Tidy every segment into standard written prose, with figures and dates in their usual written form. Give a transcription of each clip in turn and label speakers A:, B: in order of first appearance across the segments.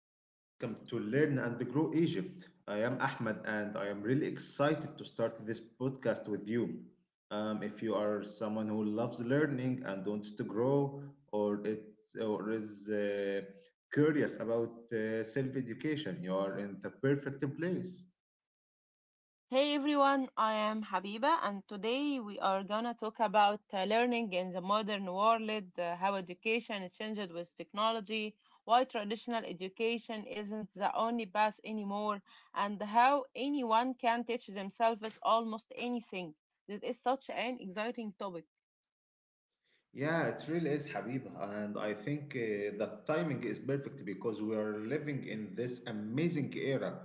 A: and welcome to Learn and Grow Egypt. I am Ahmed, and I am really excited to start this podcast with you. If you are someone who loves learning and wants to grow, or it's or is curious about self-education, you are in the perfect place.
B: Hey everyone, I am Habiba, and today we are gonna talk about learning in the modern world, how education is changed with technology, why traditional education isn't the only path anymore, and how anyone can teach themselves almost anything. This is such an exciting topic.
A: Yeah, it really is, Habiba. And I think the timing is perfect because we are living in this amazing era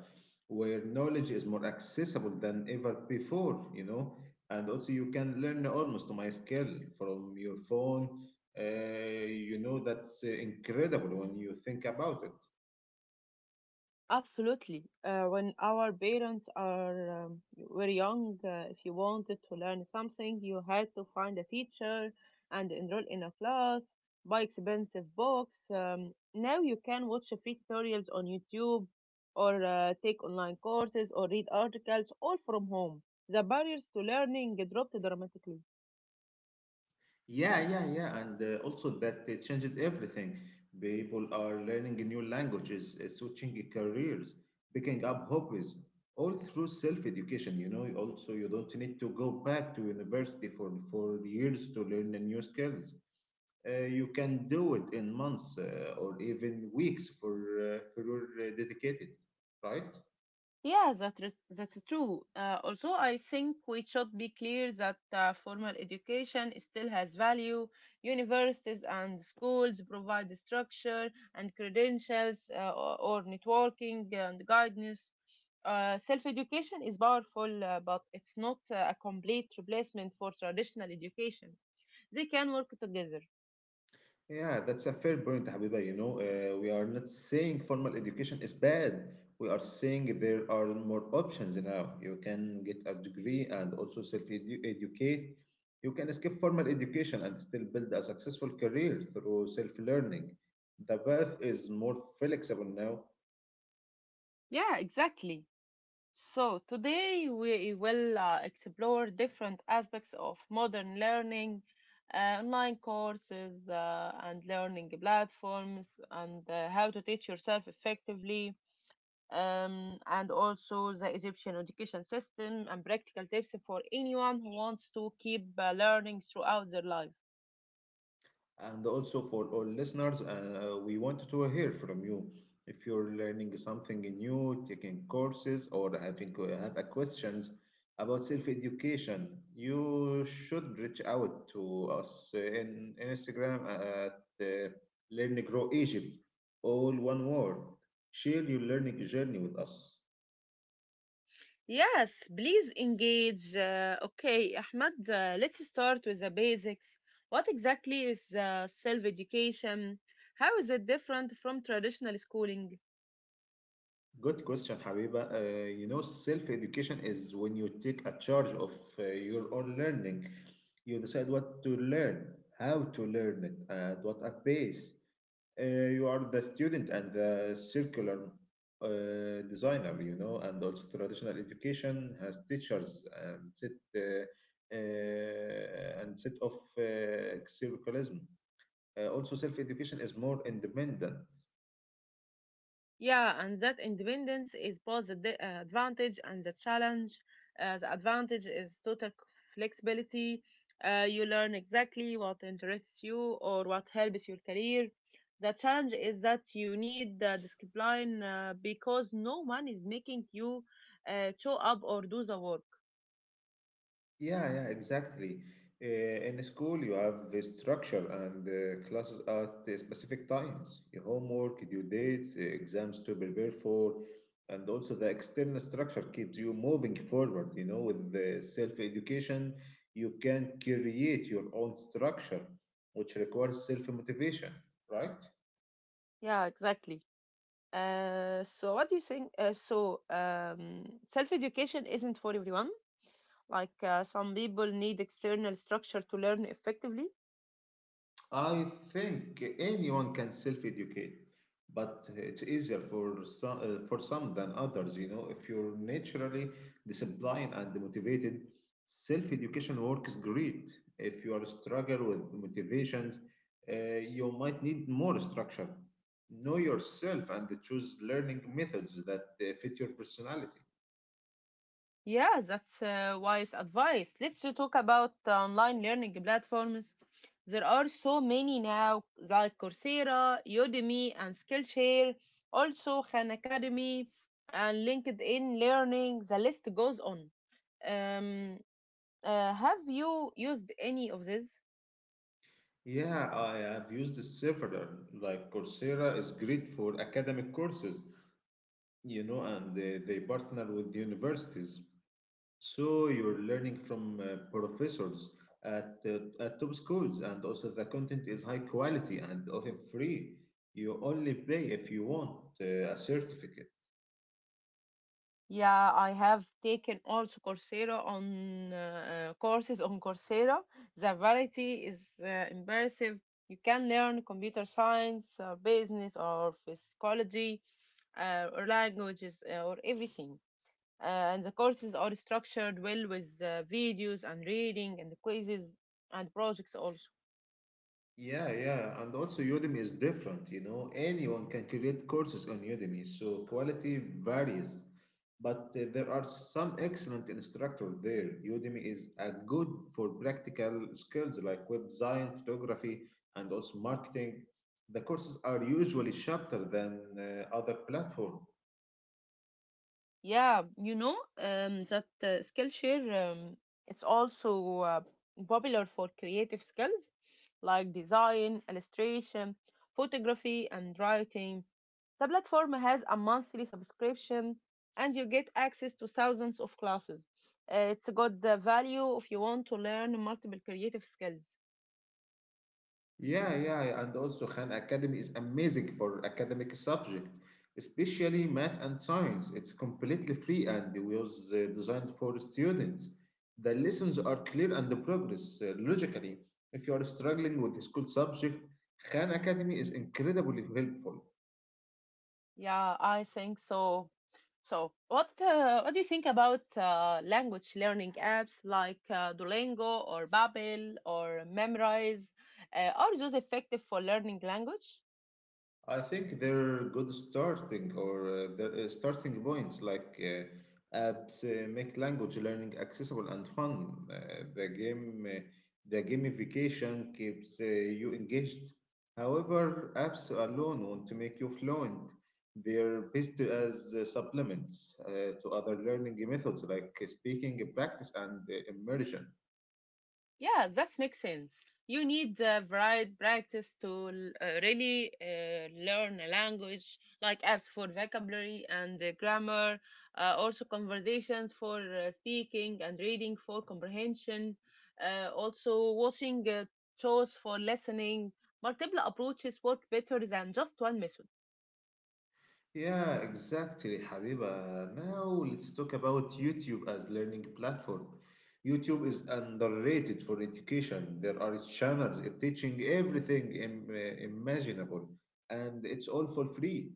A: where knowledge is more accessible than ever before. And also, you can learn almost to my skill from your phone. Uh, you know, that's Incredible when you think about it.
B: Absolutely. When our parents are were young, if you wanted to learn something, you had to find a teacher and enroll in a class, buy expensive books. Now you can watch free tutorials on YouTube, or take online courses, or read articles all from home. The barriers to learning dropped dramatically.
A: Yeah, yeah, yeah, and also that changed everything. People are learning new languages, switching careers, picking up hobbies, all through self-education. You know, also you don't need to go back to university for years to learn the new skills. You can do it in months or even weeks for your dedicated, right?
B: Yeah, that's true. Also, I think we should be clear that formal education still has value. Universities and schools provide structure and credentials or networking and guidance. Self-education is powerful, but it's not a complete replacement for traditional education. They can work together.
A: Yeah, that's a fair point, Habiba. We are not saying formal education is bad. We are saying there are more options now. You can get a degree and also self-educate. You can escape formal education and still build a successful career through self-learning. The path is more flexible now.
B: Yeah, exactly. So, today we will explore different aspects of modern learning, online courses, and learning platforms, and how to teach yourself effectively, and also the Egyptian education system and practical tips for anyone who wants to keep learning throughout their life.
A: And also for all listeners, we wanted to hear from you. If you're learning something new, taking courses, or having have a questions about self-education, you should reach out to us in Instagram at Learn Grow Egypt, all one word. Share your learning journey with us.
B: Yes, please engage. Okay, Ahmad, let's start with the basics. What exactly is self education? How is it different from traditional schooling?
A: Good question, Habiba. Self-education is when you take a charge of your own learning. You decide what to learn, how to learn it, at what a pace. You are the student and the circular designer, you know, and also traditional education has teachers and uh, set of uh, curriculum. Also, self-education is more independent.
B: Yeah, and that independence is both the advantage and the challenge. The advantage is total flexibility. You learn exactly what interests you or what helps your career. The challenge is that you need discipline because no one is making you show up or do the work.
A: Yeah, exactly. In school, you have the structure and classes at specific times, your homework, due dates, exams to prepare for, and also the external structure keeps you moving forward. You know, with the self-education, you can create your own structure, which requires self-motivation, right?
B: Yeah, exactly. So what do you think? So self-education isn't for everyone. Like some people need external structure to learn effectively.
A: I think anyone can self-educate, but it's easier for some than others. You know, if you're naturally disciplined and motivated, self-education works great. If you are struggle with motivations, you might need more structure. Know yourself and choose learning methods that fit your personality.
B: Yeah, that's wise advice. Let's talk about online learning platforms. There are so many now, like Coursera, Udemy, and Skillshare, also Khan Academy and LinkedIn Learning. The list goes on. Um, have you used any of these?
A: Yeah, I have used several. Like Coursera is great for academic courses, you know, and they partner with the universities. So you're learning from professors at top schools, and also the content is high quality and often free. You only pay if you want a certificate.
B: Yeah, I have taken also Coursera on courses on Coursera. The variety is impressive. You can learn computer science, business, or psychology, or languages, or everything. Uh, and the courses are structured well with videos and reading and quizzes and projects also.
A: Yeah, and also Udemy is different, you know. Anyone can create courses on Udemy, so quality varies. But there are some excellent instructors there. Udemy is good for practical skills like web design, photography, and also marketing. The courses are usually shorter than other platforms.
B: Yeah, that Skillshare it's also popular for creative skills like design, illustration, photography, and writing. The platform has a monthly subscription, and you get access to thousands of classes. It's a good value if you want to learn multiple creative skills.
A: Yeah, and also Khan Academy is amazing for academic subject, especially math and science. It's completely free and was designed for students. The lessons are clear and the progress logically. If you are struggling with the school subject, Khan Academy is incredibly helpful.
B: Yeah, I think so. So, what do you think about language learning apps like Duolingo or Babel or Memrise? Are those effective for learning language?
A: I think they're good starting or the starting points like apps make language learning accessible and fun. The gamification keeps you engaged. However, apps alone want to make you fluent. They're best as supplements to other learning methods like speaking practice and immersion.
B: Yeah, that makes sense. You need varied practice to really learn a language, like apps for vocabulary and grammar, also conversations for speaking and reading for comprehension, also watching shows for listening. Multiple approaches work better than just one method.
A: Yeah, exactly, Habiba. Now let's talk about YouTube as learning platform. YouTube is underrated for education. There are channels teaching everything imaginable, and it's all for free.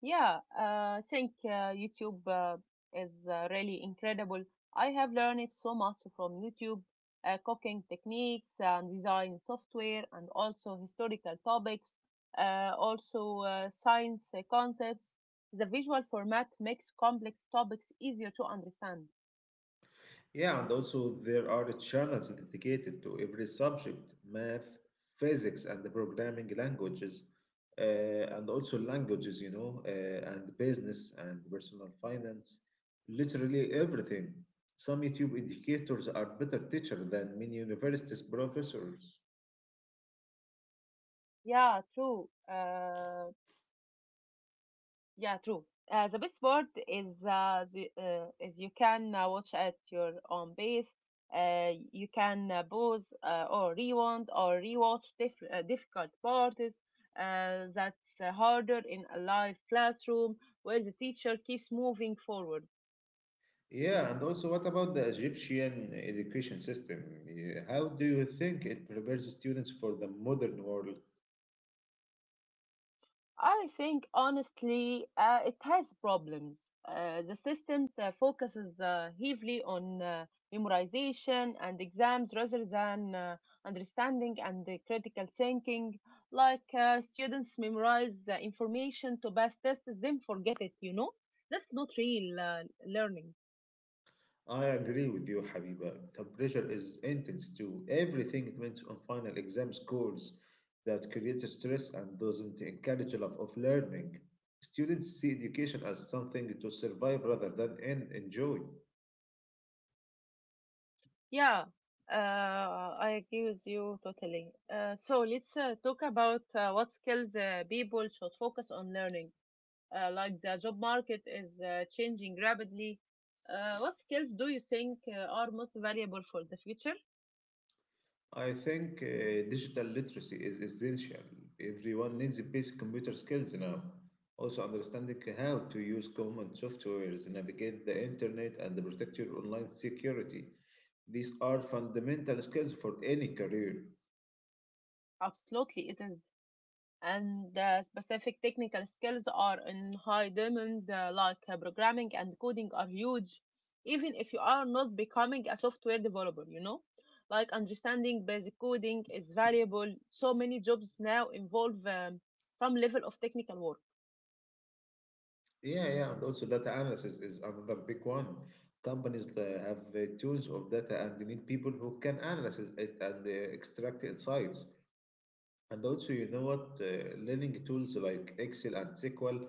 B: Yeah, I think YouTube is really incredible. I have learned so much from YouTube, cooking techniques and design software, and also historical topics, also science concepts. The visual format makes complex topics easier to understand.
A: Yeah, and also there are channels dedicated to every subject, math, physics, and the programming languages, and also languages, and business and personal finance, literally everything. Some YouTube educators are better teachers than many universities professors.
B: Yeah, true. Yeah, true. The best part is you can watch at your own pace. You can pause or rewind or rewatch difficult parts. That's harder in a live classroom where the teacher keeps moving forward.
A: Yeah, and also what about the Egyptian education system? Yeah, how do you think it prepares students for the modern world?
B: I think honestly, it has problems. The system focuses heavily on memorization and exams rather than understanding and the critical thinking. Like students memorize the information to pass tests, then forget it. You know, that's not real learning.
A: I agree with you, Habiba. The pressure is intense too. Everything depends on final exam scores that creates stress and doesn't encourage a love of learning. Students see education as something to survive rather than enjoy.
B: Yeah, I agree with you totally. So let's talk about what skills people should focus on learning, like the job market is changing rapidly. What skills do you think are most valuable for the future?
A: I think digital literacy is essential. Everyone needs basic computer skills now. Also, understanding how to use common softwares, navigate the internet, and protect your online security. These are fundamental skills for any career.
B: Absolutely, it is. And specific technical skills are in high demand, like programming and coding are huge, even if you are not becoming a software developer, you know? Like understanding basic coding is valuable. So many jobs now involve some level of technical work.
A: Yeah, and also data analysis is another big one. Companies have tons of data and they need people who can analyze it and extract insights. And also, you know what? Learning tools like Excel and SQL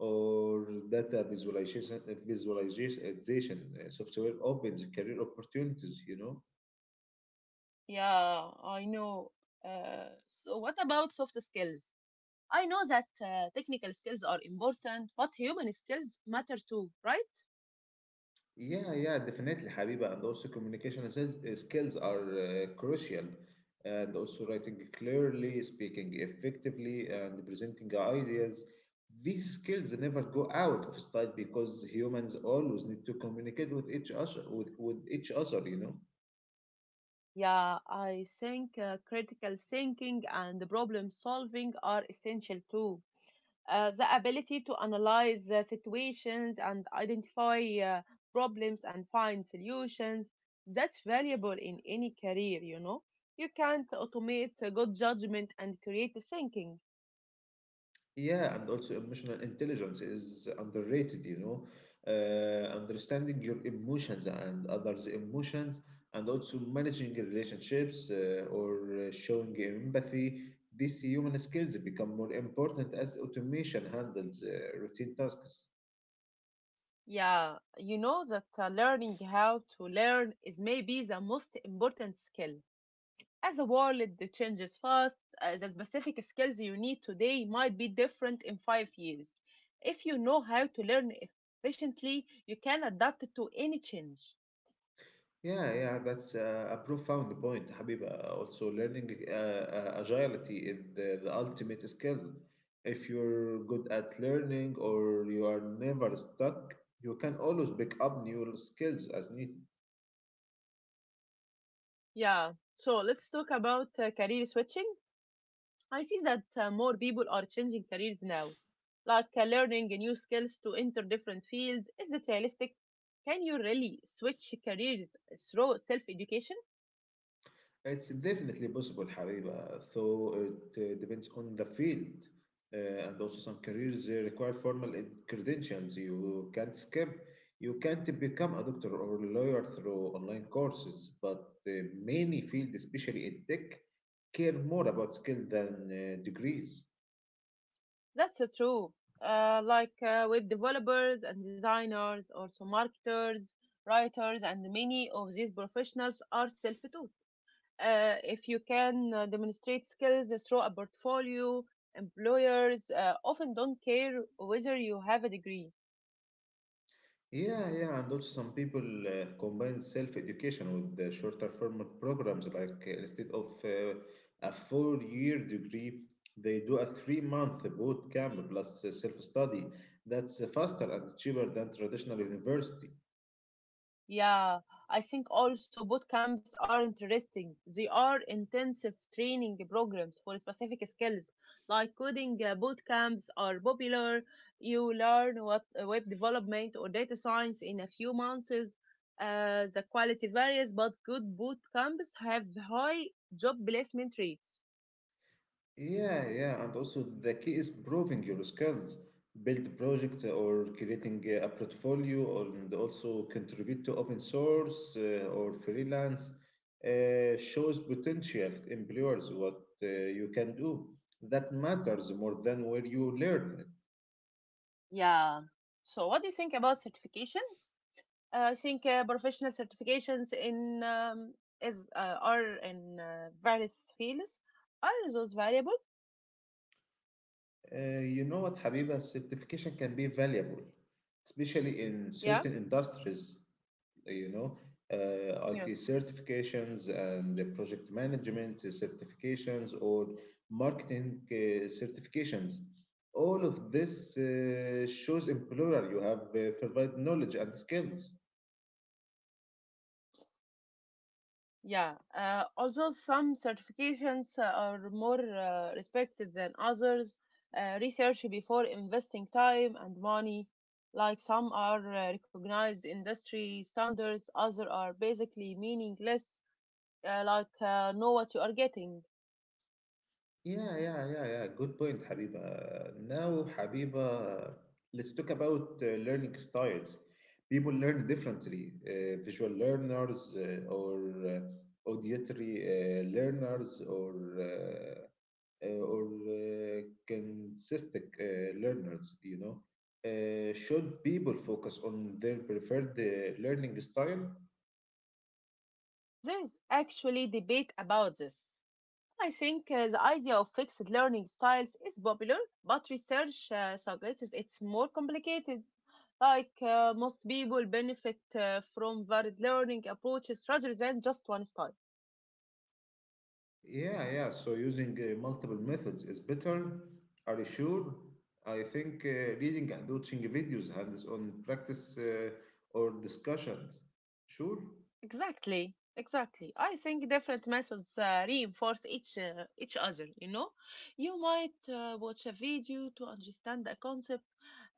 A: or data visualization, visualization software opens career opportunities, you know?
B: Yeah, I know. Uh, so, what about soft skills? I know that technical skills are important, but human skills matter too, right?
A: Yeah, yeah, definitely, Habiba. And also, communication skills skills are crucial. And also, writing clearly, speaking effectively, and presenting ideas. These skills never go out of style because humans always need to communicate with each other, you know?
B: Yeah, I think critical thinking and problem solving are essential too. The ability to analyze the situations and identify problems and find solutions, that's valuable in any career, you know. You can't automate good judgment and creative thinking.
A: Yeah, and also emotional intelligence is underrated, you know. Understanding your emotions and others' emotions, and also managing relationships or showing empathy, these human skills become more important as automation handles routine tasks.
B: Yeah, you know that learning how to learn is maybe the most important skill. As the world changes fast, the specific skills you need today might be different in 5 years. If you know how to learn efficiently, you can adapt to any change.
A: Yeah, that's a profound point, Habiba. Also, learning agility is the ultimate skill. If you're good at learning or you are never stuck, you can always pick up new skills as need.
B: Yeah, so let's talk about career switching. I see that more people are changing careers now, like learning new skills to enter different fields. Is it realistic? Can you really switch careers through self education?
A: It's definitely possible, Habiba, though it depends on the field. And also, some careers require formal credentials. You can't skip, you can't become a doctor or lawyer through online courses. But many fields, especially in tech, care more about skill than degrees.
B: That's true. Like web developers and designers, also marketers, writers, and many of these professionals are self taught. If you can demonstrate skills through a portfolio, employers often don't care whether you have a degree.
A: Yeah, and also some people combine self-education with the shorter form programs. Instead of a four-year degree, they do a three-month boot camp plus self-study. That's faster and cheaper than traditional university.
B: Yeah, I think also boot camps are interesting. They are intensive training programs for specific skills, like coding boot camps are popular. You learn what web development or data science in a few months. The quality varies, but good boot camps have high job placement rates.
A: Yeah, and also the key is proving your skills. Build project or creating a portfolio, or, and also contribute to open source or freelance shows potential employers what you can do. That matters more than where you learn
B: Yeah. So, what do you think about certifications? I think professional certifications in is are in various fields, are those valuable?
A: it. Habiba, certification can be valuable, especially in
B: Yeah,
A: certain industries. you know,
B: yeah,
A: IT certifications and the project management certifications or marketing certifications. All of this shows employer you have provided knowledge and skills.
B: yeah. Although some certifications are more respected than others, research before investing time and money. Like some are recognized industry standards, other are basically meaningless. Like know what you are getting.
A: Yeah. Good point, Habiba. Now, Habiba, let's talk about learning styles. People learn differently. Visual learners or uh, auditory learners or consistent learners, you know. Should people focus on their preferred learning style?
B: There's actually debate about this. I think the idea of fixed learning styles is popular, but research suggests it's more complicated. Like most people benefit from varied learning approaches rather than just one style.
A: Yeah, yeah. So using multiple methods is better. Are you sure? I think reading and watching videos, hands-on practice, or discussions. Sure.
B: Exactly, exactly. I think different methods reinforce each other. You know, you might watch a video to understand a concept,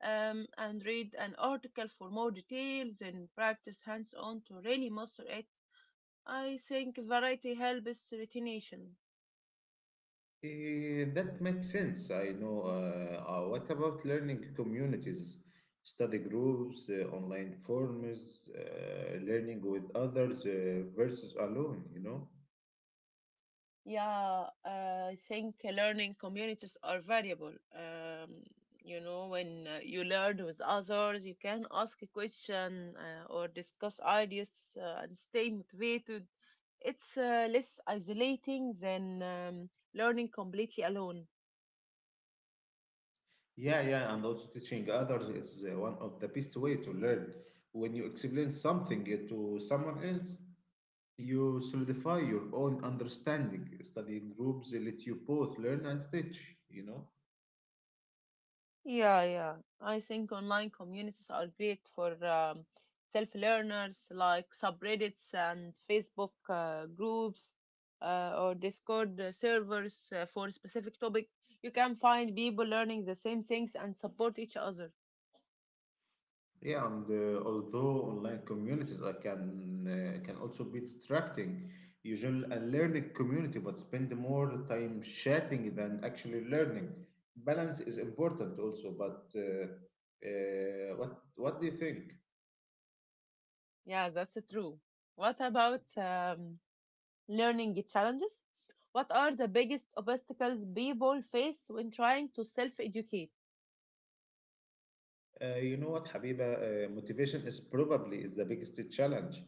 B: and read an article for more details, and practice hands-on to really master it. I think variety helps retention.
A: Eh, that makes sense. I know. What about learning communities, study groups, online forums, learning with others versus alone, you know?
B: Yeah, I think learning communities are valuable. When you learn with others, you can ask a question or discuss ideas and stay motivated. It's less isolating than learning completely alone.
A: Yeah, yeah, and also teaching others is one of the best way to learn. When you explain something to someone else, you solidify your own understanding. Study groups let you both learn and teach, you know?
B: Yeah, yeah. I think online communities are great for self-learners like subreddits and Facebook groups or Discord servers for specific topic. You can find people learning the same things and support each other.
A: Yeah, and although online communities can also be distracting, you join a learning community but spend more time chatting than actually learning. Balance is important also, but what do you think?
B: Yeah, that's true. What about learning challenges? What are the biggest obstacles people face when trying to self-educate?
A: Habiba, motivation is probably is the biggest challenge.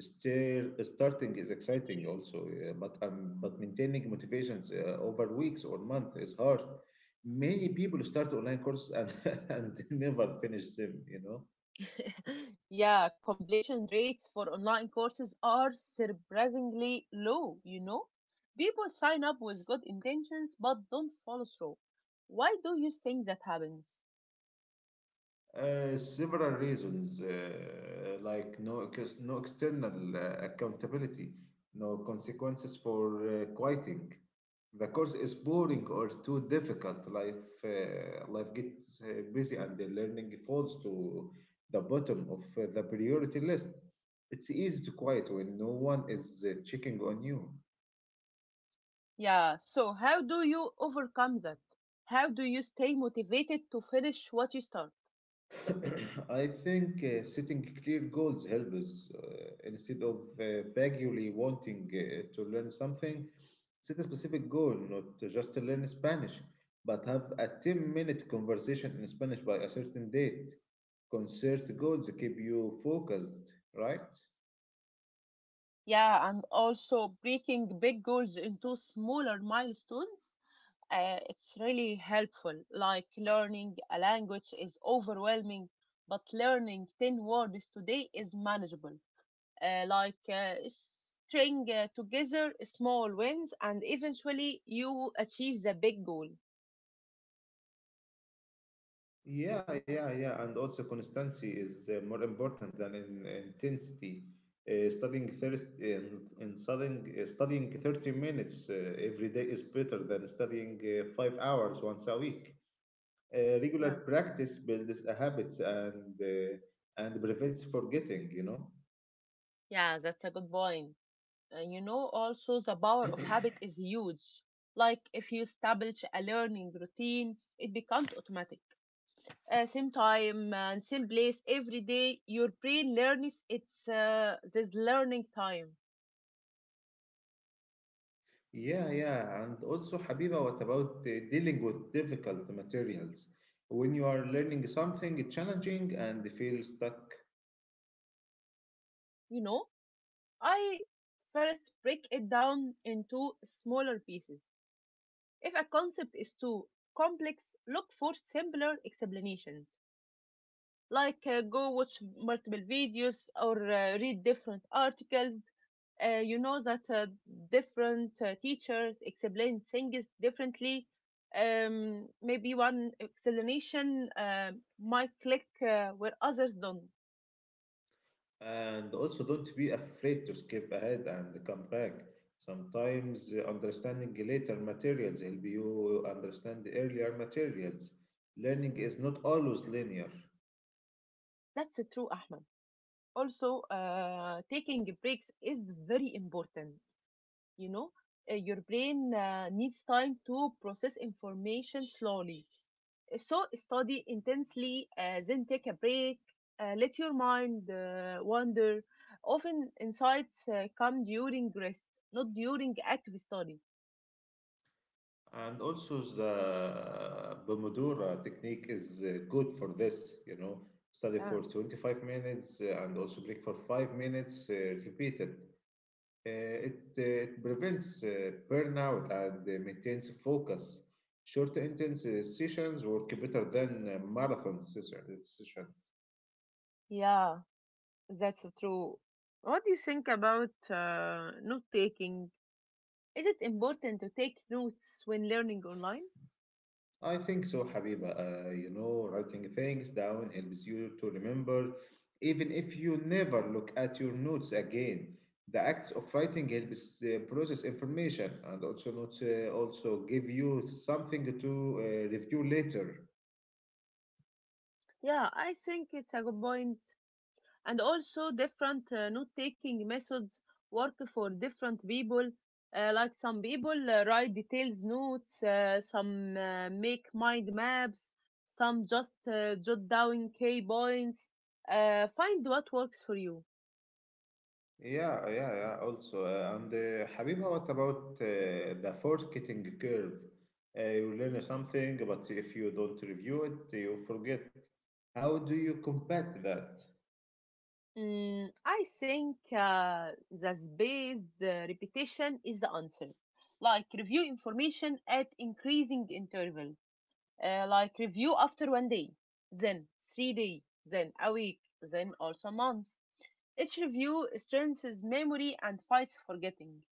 A: Still, starting is exciting also, but maintaining motivations over weeks or month is hard. Many people start online courses and and never finish them. You know.
B: Yeah, completion rates for online courses are surprisingly low, you know? People sign up with good intentions but don't follow through. Why do you think that happens?
A: Several reasons, like no external accountability, no consequences for quitting. The course is boring or too difficult. Life gets busy and the learning falls to the bottom of the priority list. It's easy to quit when no one is checking on you.
B: Yeah, so how do you overcome that? How do you stay motivated to finish what you start?
A: I think setting clear goals helps us. Instead of vaguely wanting to learn something, set a specific goal, not to just to learn Spanish, but have a 10-minute minute conversation in Spanish by a certain date. Concert goals keep you focused, right?
B: Yeah, and also breaking big goals into smaller milestones, it's really helpful. Like learning a language is overwhelming, but learning 10 words today is manageable. Like, string together small wins, and eventually you achieve the big goal.
A: Yeah. And also, constancy is more important than in intensity. Studying thirst in studying, Studying 30 minutes every day is better than studying 5 hours once a week. Regular
B: Yeah,
A: practice builds a habits and prevents forgetting.
B: yeah, that's a good point. Also, the power of habit is huge. Like if you establish a learning routine, it becomes automatic. Same time and same place every day, your brain learns it's this learning time,
A: Yeah, yeah. And also, Habiba, what about dealing with difficult materials? When you are learning something challenging and feel stuck,
B: you know. I first break it down into smaller pieces. If a concept is too complex, look for simpler explanations, like go watch multiple videos or read different articles. You know that different teachers explain things differently. Maybe one explanation might click where others don't.
A: and also, don't be afraid to skip ahead and come back. Sometimes understanding later materials help you understand the earlier materials. Learning is not always linear.
B: That's true, Ahmed. Also, taking breaks is very important. You know, your brain needs time to process information slowly. So study intensely, then take a break. Let your mind wander. Often insights come during rest, not during active study.
A: And also, the Pomodoro technique is good for this. You know, study
B: Yeah.
A: for 25 minutes and also break for 5 minutes, repeat it. It prevents burnout and maintains focus. Short intense sessions work better than sessions.
B: Yeah, that's true. What do you think about note taking? Is it important to take notes when learning online?
A: I think so, Habiba. You know, writing things down helps you to remember, even if you never look at your notes again. The act of writing helps process information and also not also give you something to review later.
B: Yeah, I think it's a good point. And also different note taking methods work for different people, like some people write details notes, some make mind maps, some just jot down key points. Find what works for you.
A: Yeah, yeah, yeah. Also, and Habiba, what about the forgetting curve? You learn something, but if you don't review it, you forget. How do you combat that?
B: I think the repetition is the answer, like review information at increasing interval, like review after 1 day, then 3 days, then a week, then also months. Each review strengthens memory and fights forgetting.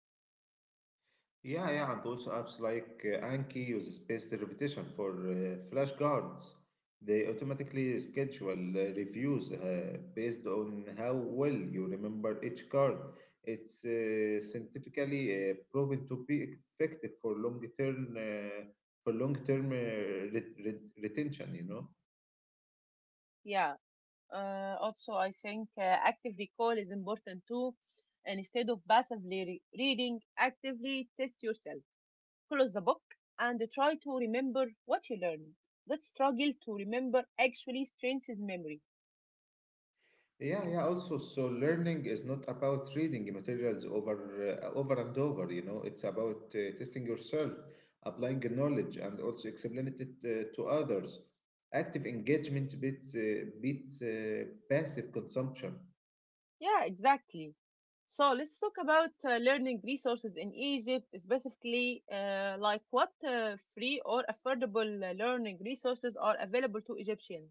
A: Yeah, yeah, and also apps like Anki use spaced repetition for flash guards. They automatically schedule reviews based on how well you remember each card. It's scientifically proven to be effective for long-term retention, you know.
B: Yeah. Also, I think active recall is important too. And instead of passively reading, actively test yourself. Close the book and try to remember what you learned. That struggle to remember actually strengthens memory.
A: Yeah, yeah. Also, so learning is not about reading materials over and over. You know, it's about testing yourself, applying the knowledge, and also explaining it to others. Active engagement beats passive consumption.
B: Yeah, exactly. So let's talk about learning resources in Egypt, specifically like what free or affordable learning resources are available to Egyptians.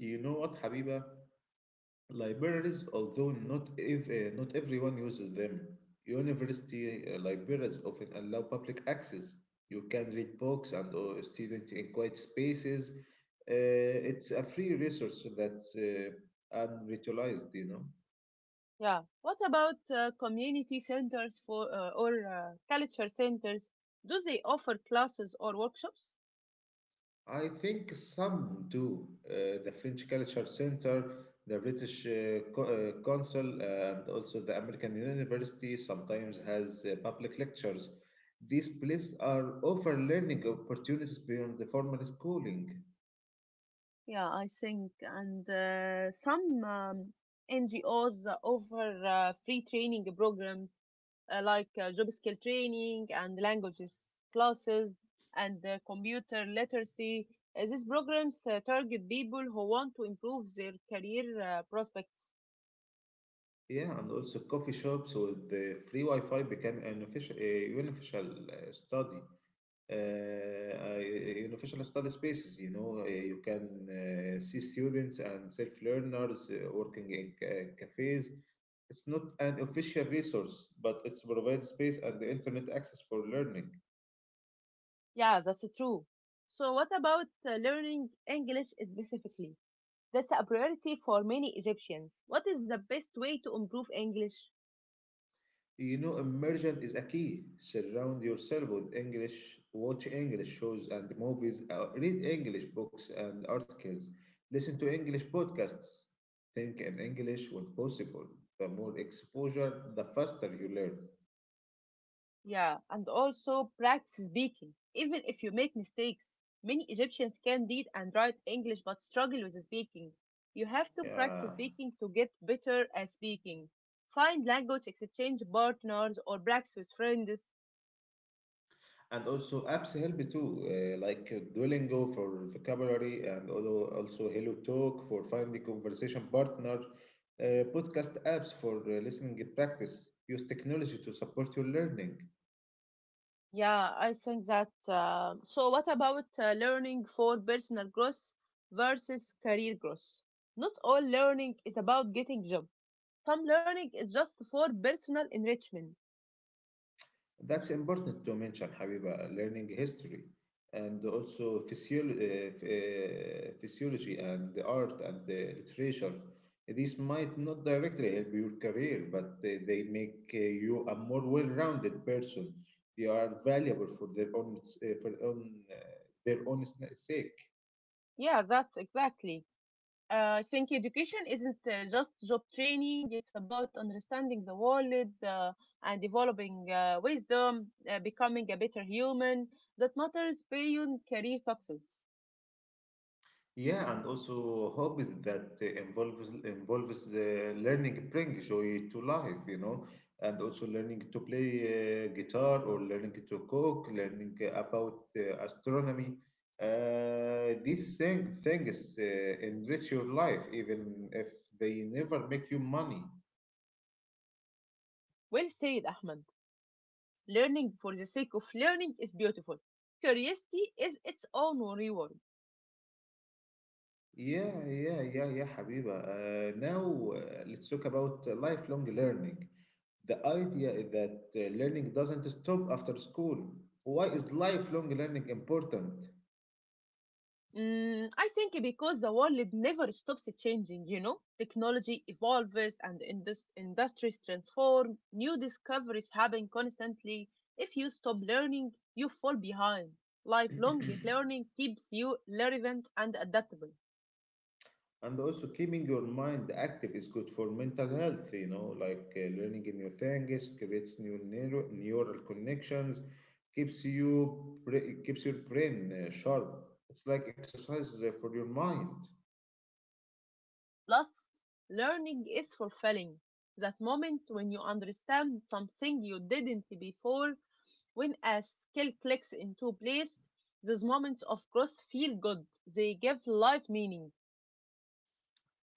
A: You know what, Habiba? Libraries, although not everyone uses them, university libraries often allow public access. You can read books and students in quiet spaces. It's a free resource that's unutilized, you know.
B: Yeah. What about community centers for or culture centers? Do they offer classes or workshops?
A: I think some do. The French Culture Center, the British Council, and also the American University sometimes has public lectures. These places are offer learning opportunities beyond the formal schooling.
B: Yeah, I think. And some NGOs offer free training programs, like job skill training and languages classes and computer literacy. These programs target people who want to improve their career prospects.
A: Yeah, and also coffee shops with the free Wi-Fi became an official, a universal study. Innovation study spaces. You know, you can see students and self learners working in cafes. It's not an official resource, but it's provides space and the internet access for learning.
B: Yeah, that's true. So, what about learning English specifically? That's a priority for many Egyptians. What is the best way to improve English?
A: You know, immersion is a key. Surround yourself with English, watch English shows and movies, read English books and articles, listen to English podcasts, think in English when possible. The more exposure, the faster you learn.
B: Yeah, and also practice speaking. Even if you make mistakes, many Egyptians can read and write English but struggle with speaking. You have to practice
A: Yeah.
B: speaking to get better at speaking. Find language exchange partners or practice with friends.
A: And also apps help too, like Duolingo for vocabulary and also Hello Talk for finding conversation partner, podcast apps for listening practice. Use technology to support your learning.
B: Yeah, I think that. So, what about learning for personal growth versus career growth? Not all learning is about getting job. Some learning is just for personal enrichment.
A: That's important to mention, Habiba, learning history and also physiology and the art and the literature. These might not directly help your career, but they make you a more well-rounded person. They are valuable for their own sake.
B: Yeah, that's exactly. I think education isn't just job training, it's about understanding the world and developing wisdom, becoming a better human that matters beyond career success.
A: Yeah, and also hobbies that involves involves learning bring joy to life, you know, and also learning to play guitar or learning to cook, learning about astronomy. These things enrich your life, even if they never make you money.
B: Well said, Ahmed. Learning for the sake of learning is beautiful. Curiosity is its own reward.
A: Yeah, yeah, yeah, yeah, Habiba. Now let's talk about lifelong learning. The idea is that learning doesn't stop after school. Why is lifelong learning important?
B: I think because the world never stops changing, you know, technology evolves and industries transform, new discoveries happen constantly. If you stop learning, you fall behind. Lifelong learning keeps you relevant and adaptable.
A: And also, keeping your mind active is good for mental health, you know, like learning new things creates new neural connections, keeps your brain sharp. It's like exercise for your mind.
B: Plus, learning is fulfilling. That moment when you understand something you didn't before, when a skill clicks into place, those moments of growth feel good. They give life meaning.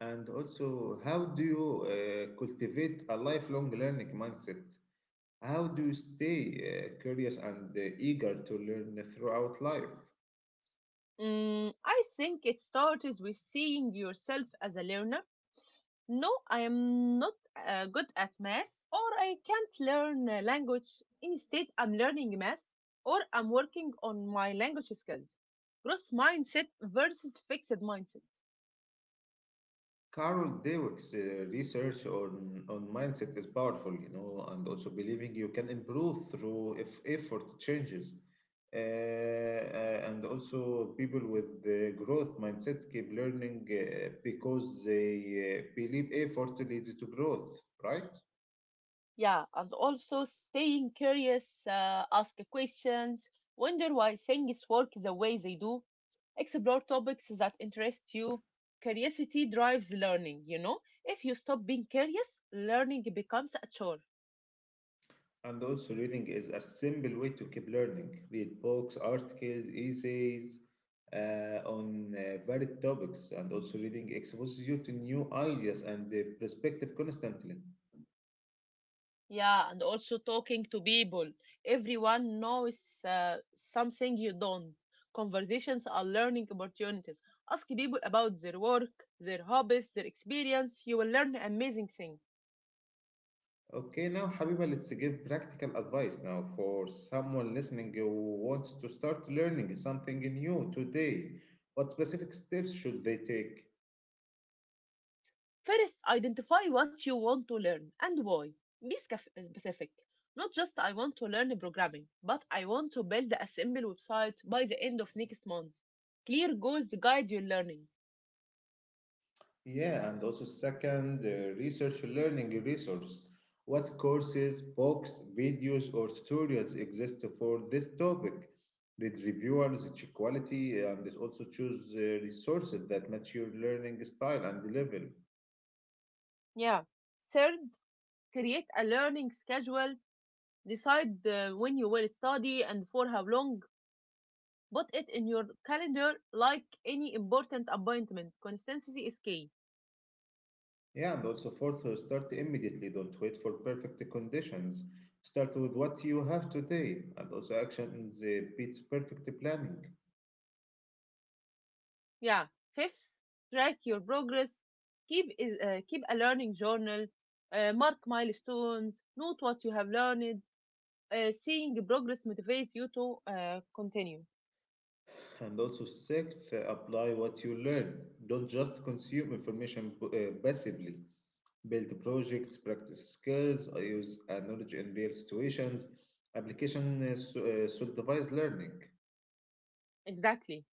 A: And also, how do you cultivate a lifelong learning mindset? How do you stay curious and eager to learn throughout life?
B: I think it starts with seeing yourself as a learner. No, I am not good at math, or I can't learn a language. Instead, I'm learning math, or I'm working on my language skills. Growth mindset versus fixed mindset.
A: Carol Dweck's research on mindset is powerful, you know, and also believing you can improve through if effort changes. And also, people with the growth mindset keep learning because they believe effort leads to growth, right?
B: Yeah, and also staying curious. Ask questions, wonder why things work the way they do, explore topics that interest you. Curiosity drives learning, you know? If you stop being curious, learning becomes a chore.
A: And also, reading is a simple way to keep learning. Read books, articles, essays on varied topics, and also reading exposes you to new ideas and perspective constantly.
B: Yeah, and also talking to people. Everyone knows uh, something you don't. Conversations are learning opportunities. Ask people about their work, their hobbies, their experience. You will learn amazing things.
A: Okay, now, Habiba, let's give practical advice now for someone listening who wants to start learning something new today. What specific steps should they take?
B: First, identify what you want to learn and why. Be specific. Not just I want to learn programming, but I want to build a simple website by the end of next month. Clear goals guide your learning.
A: Yeah, and also second, research learning resource. What courses, books, videos, or tutorials exist for this topic? Read reviewers, check quality, and also choose resources that match your learning style and level.
B: Yeah. Third, create a learning schedule. Decide when you will study and for how long. Put it in your calendar like any important appointment. Consistency is key.
A: Yeah, and also fourth, start immediately. Don't wait for perfect conditions. Start with what you have today, and also actions beats perfect planning.
B: Yeah. Fifth, track your progress. Keep a learning journal. Mark milestones. Note what you have learned. Seeing progress motivates you to continue.
A: And also, sixth, apply what you learn. Don't just consume information passively. Build projects, practice skills, use knowledge in real situations. Application solidifies learning.
B: Exactly.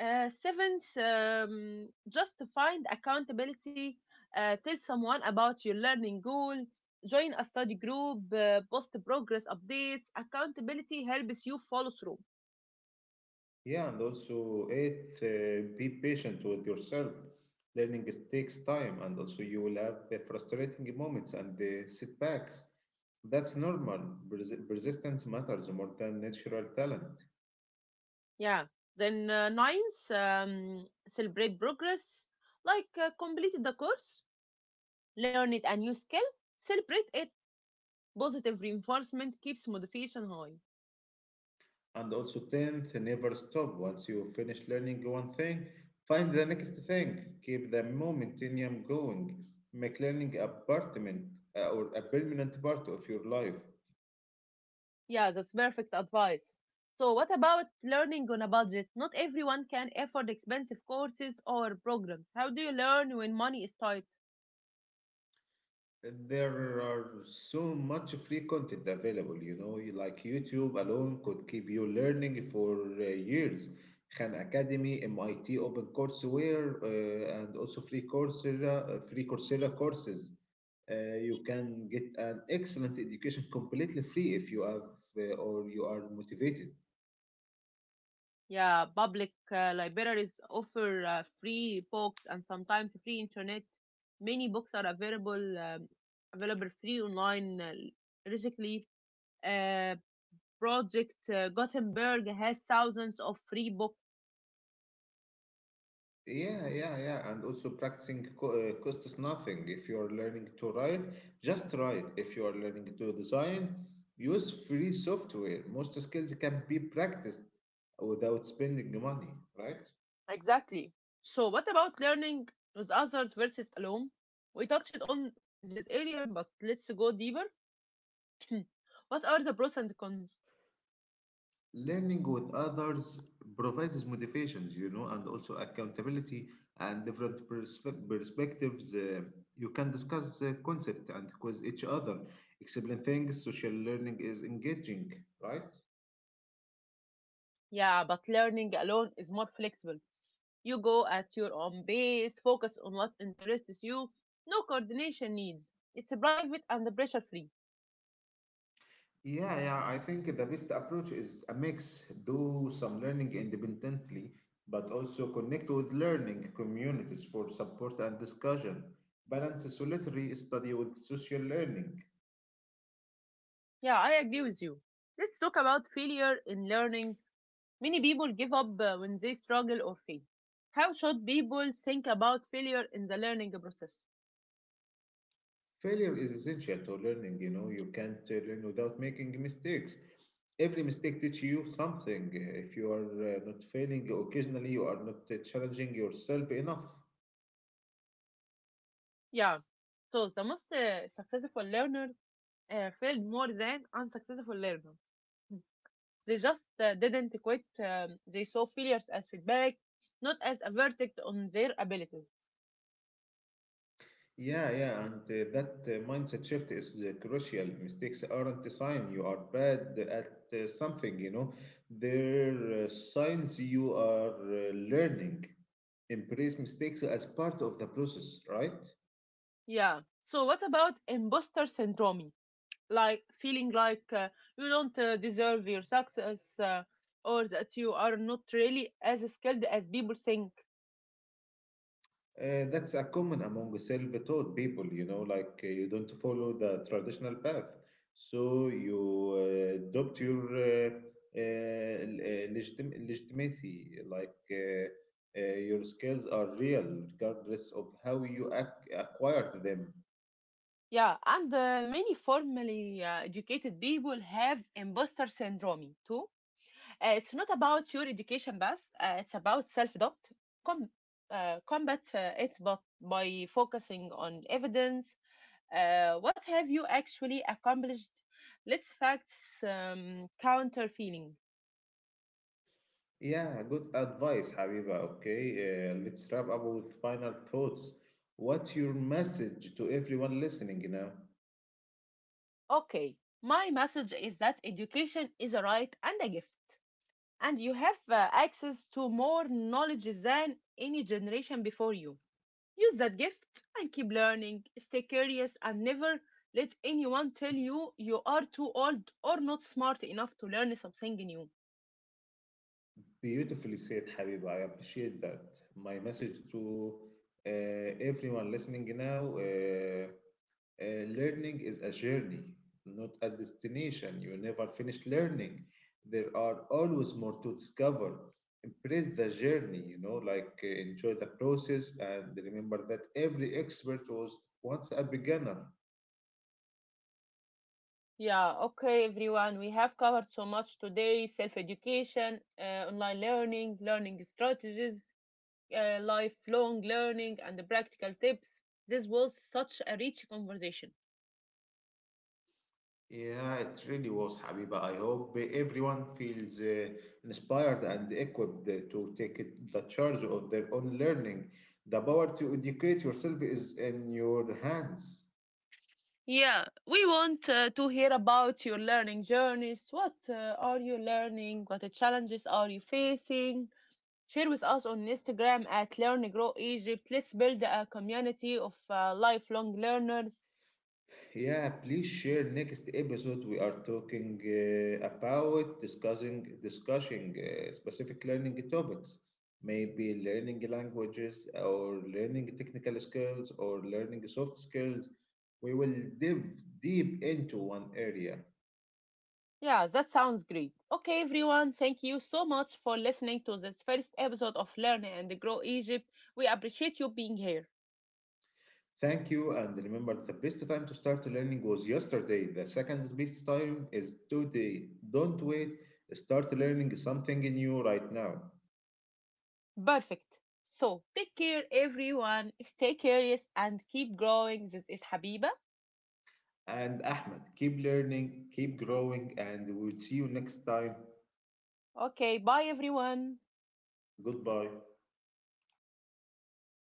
B: Seventh, just to find accountability. Tell someone about your learning goal. Join a study group. Post progress updates. Accountability helps you follow through.
A: Yeah, and also, eighth, be patient with yourself. Learning takes time, and also, you will have frustrating moments and setbacks. That's normal. Persistence matters more than natural talent.
B: Yeah. Then ninth, celebrate progress, like completed the course, learned a new skill, celebrate it. Positive reinforcement keeps motivation high.
A: And also, 10th, never stop. Once you finish learning one thing, find the next thing. Keep the momentum going. Make learning a permanent or a permanent part of your life.
B: Yeah, that's perfect advice. So, what about learning on a budget? Not everyone can afford expensive courses or programs. How do you learn when money is tight?
A: There are so much free content available, you know, like YouTube alone could keep you learning for uh, years. Khan Academy, MIT Open Courseware, and also free Coursera courses. You can get an excellent education completely free if you have or you are motivated.
B: Yeah, public libraries offer free books and sometimes free internet. Many books are available available free online, digitally. Uh, Project Gutenberg has thousands of free books.
A: Yeah, yeah, yeah. And also practicing co costs nothing. If you're learning to write, just write. If you're learning to design, use free software. Most skills can be practiced without spending money, right?
B: Exactly. So, what about learning with others versus alone? We touched on this earlier, but let's go deeper. What are the pros and cons?
A: Learning with others provides motivations, you know, and also accountability and different perspectives. You can discuss the concept and quiz each other, explain things. Social learning is engaging, right?
B: Yeah, but learning alone is more flexible. You go at your own pace, focus on what interests you, no coordination needs. It's private and pressure free.
A: Yeah, yeah, I think the best approach is a mix. Do some learning independently, but also connect with learning communities for support and discussion. Balance solitary study with social learning.
B: Yeah, I agree with you. Let's talk about failure in learning. Many people give up when they struggle or fail. How should people think about failure in the learning process?
A: Failure is essential to learning, you know, you can't learn without making mistakes. Every mistake teaches you something. If you are not failing occasionally, you are not challenging yourself enough.
B: Yeah, so the most successful learner failed more than unsuccessful learner. They just didn't quit. They saw failures as feedback, not as a verdict on their abilities.
A: Yeah, yeah, and that mindset shift is crucial. Mistakes aren't a sign you are bad at something, you know. They're signs you are learning. Embrace mistakes as part of the process, right?
B: Yeah. So what about imposter syndrome? Like feeling like you don't deserve your success, or that you are not really as skilled as people think.
A: That's a common among self-taught people, you know, like you don't follow the traditional path. So you adopt your legitimacy, your skills are real regardless of how you acquired them.
B: Yeah, and many formally educated people have imposter syndrome too. It's not about your education, but it's about self-doubt. Com- Combat it but by focusing on evidence. What have you actually accomplished? Let's facts counter feeling.
A: Yeah, good advice, Habiba. Okay, let's wrap up with final thoughts. What's your message to everyone listening now?
B: Okay, my message is that education is a right and a gift, and you have access to more knowledge than any generation before you. Use that gift and keep learning, stay curious, and never let anyone tell you you are too old or not smart enough to learn something new.
A: Beautifully said, Habiba. I appreciate that. My message to everyone listening now, learning is a journey, not a destination. You never finish learning. There are always more to discover. Embrace the journey, you know, like enjoy the process and remember that every expert was once a beginner.
B: Yeah, okay, everyone. We have covered so much today: self-education, online learning, learning strategies, lifelong learning, and the practical tips. This was such a rich conversation.
A: Yeah, it really was, Habiba. I hope everyone feels inspired and equipped to take the charge of their own learning. The power to educate yourself is in your hands.
B: Yeah, we want to hear about your learning journeys. What are you learning? What the challenges are you facing? Share with us on Instagram at Learn Grow Egypt. Let's build a community of lifelong learners.
A: Yeah, please share next episode. We are talking about discussing specific learning topics, maybe learning languages or learning technical skills or learning soft skills. We will dive deep into one area.
B: Yeah, that sounds great. Okay, everyone, thank you so much for listening to this first episode of Learn and Grow Egypt. We appreciate you being here.
A: Thank you, and remember the best time to start learning was yesterday. The second best time is today. Don't wait, start learning something new right now.
B: Perfect. So, take care, everyone. Stay curious and keep growing. This is Habiba.
A: And Ahmed, keep learning, keep growing, and we'll see you next time.
B: Okay, bye, everyone.
A: Goodbye.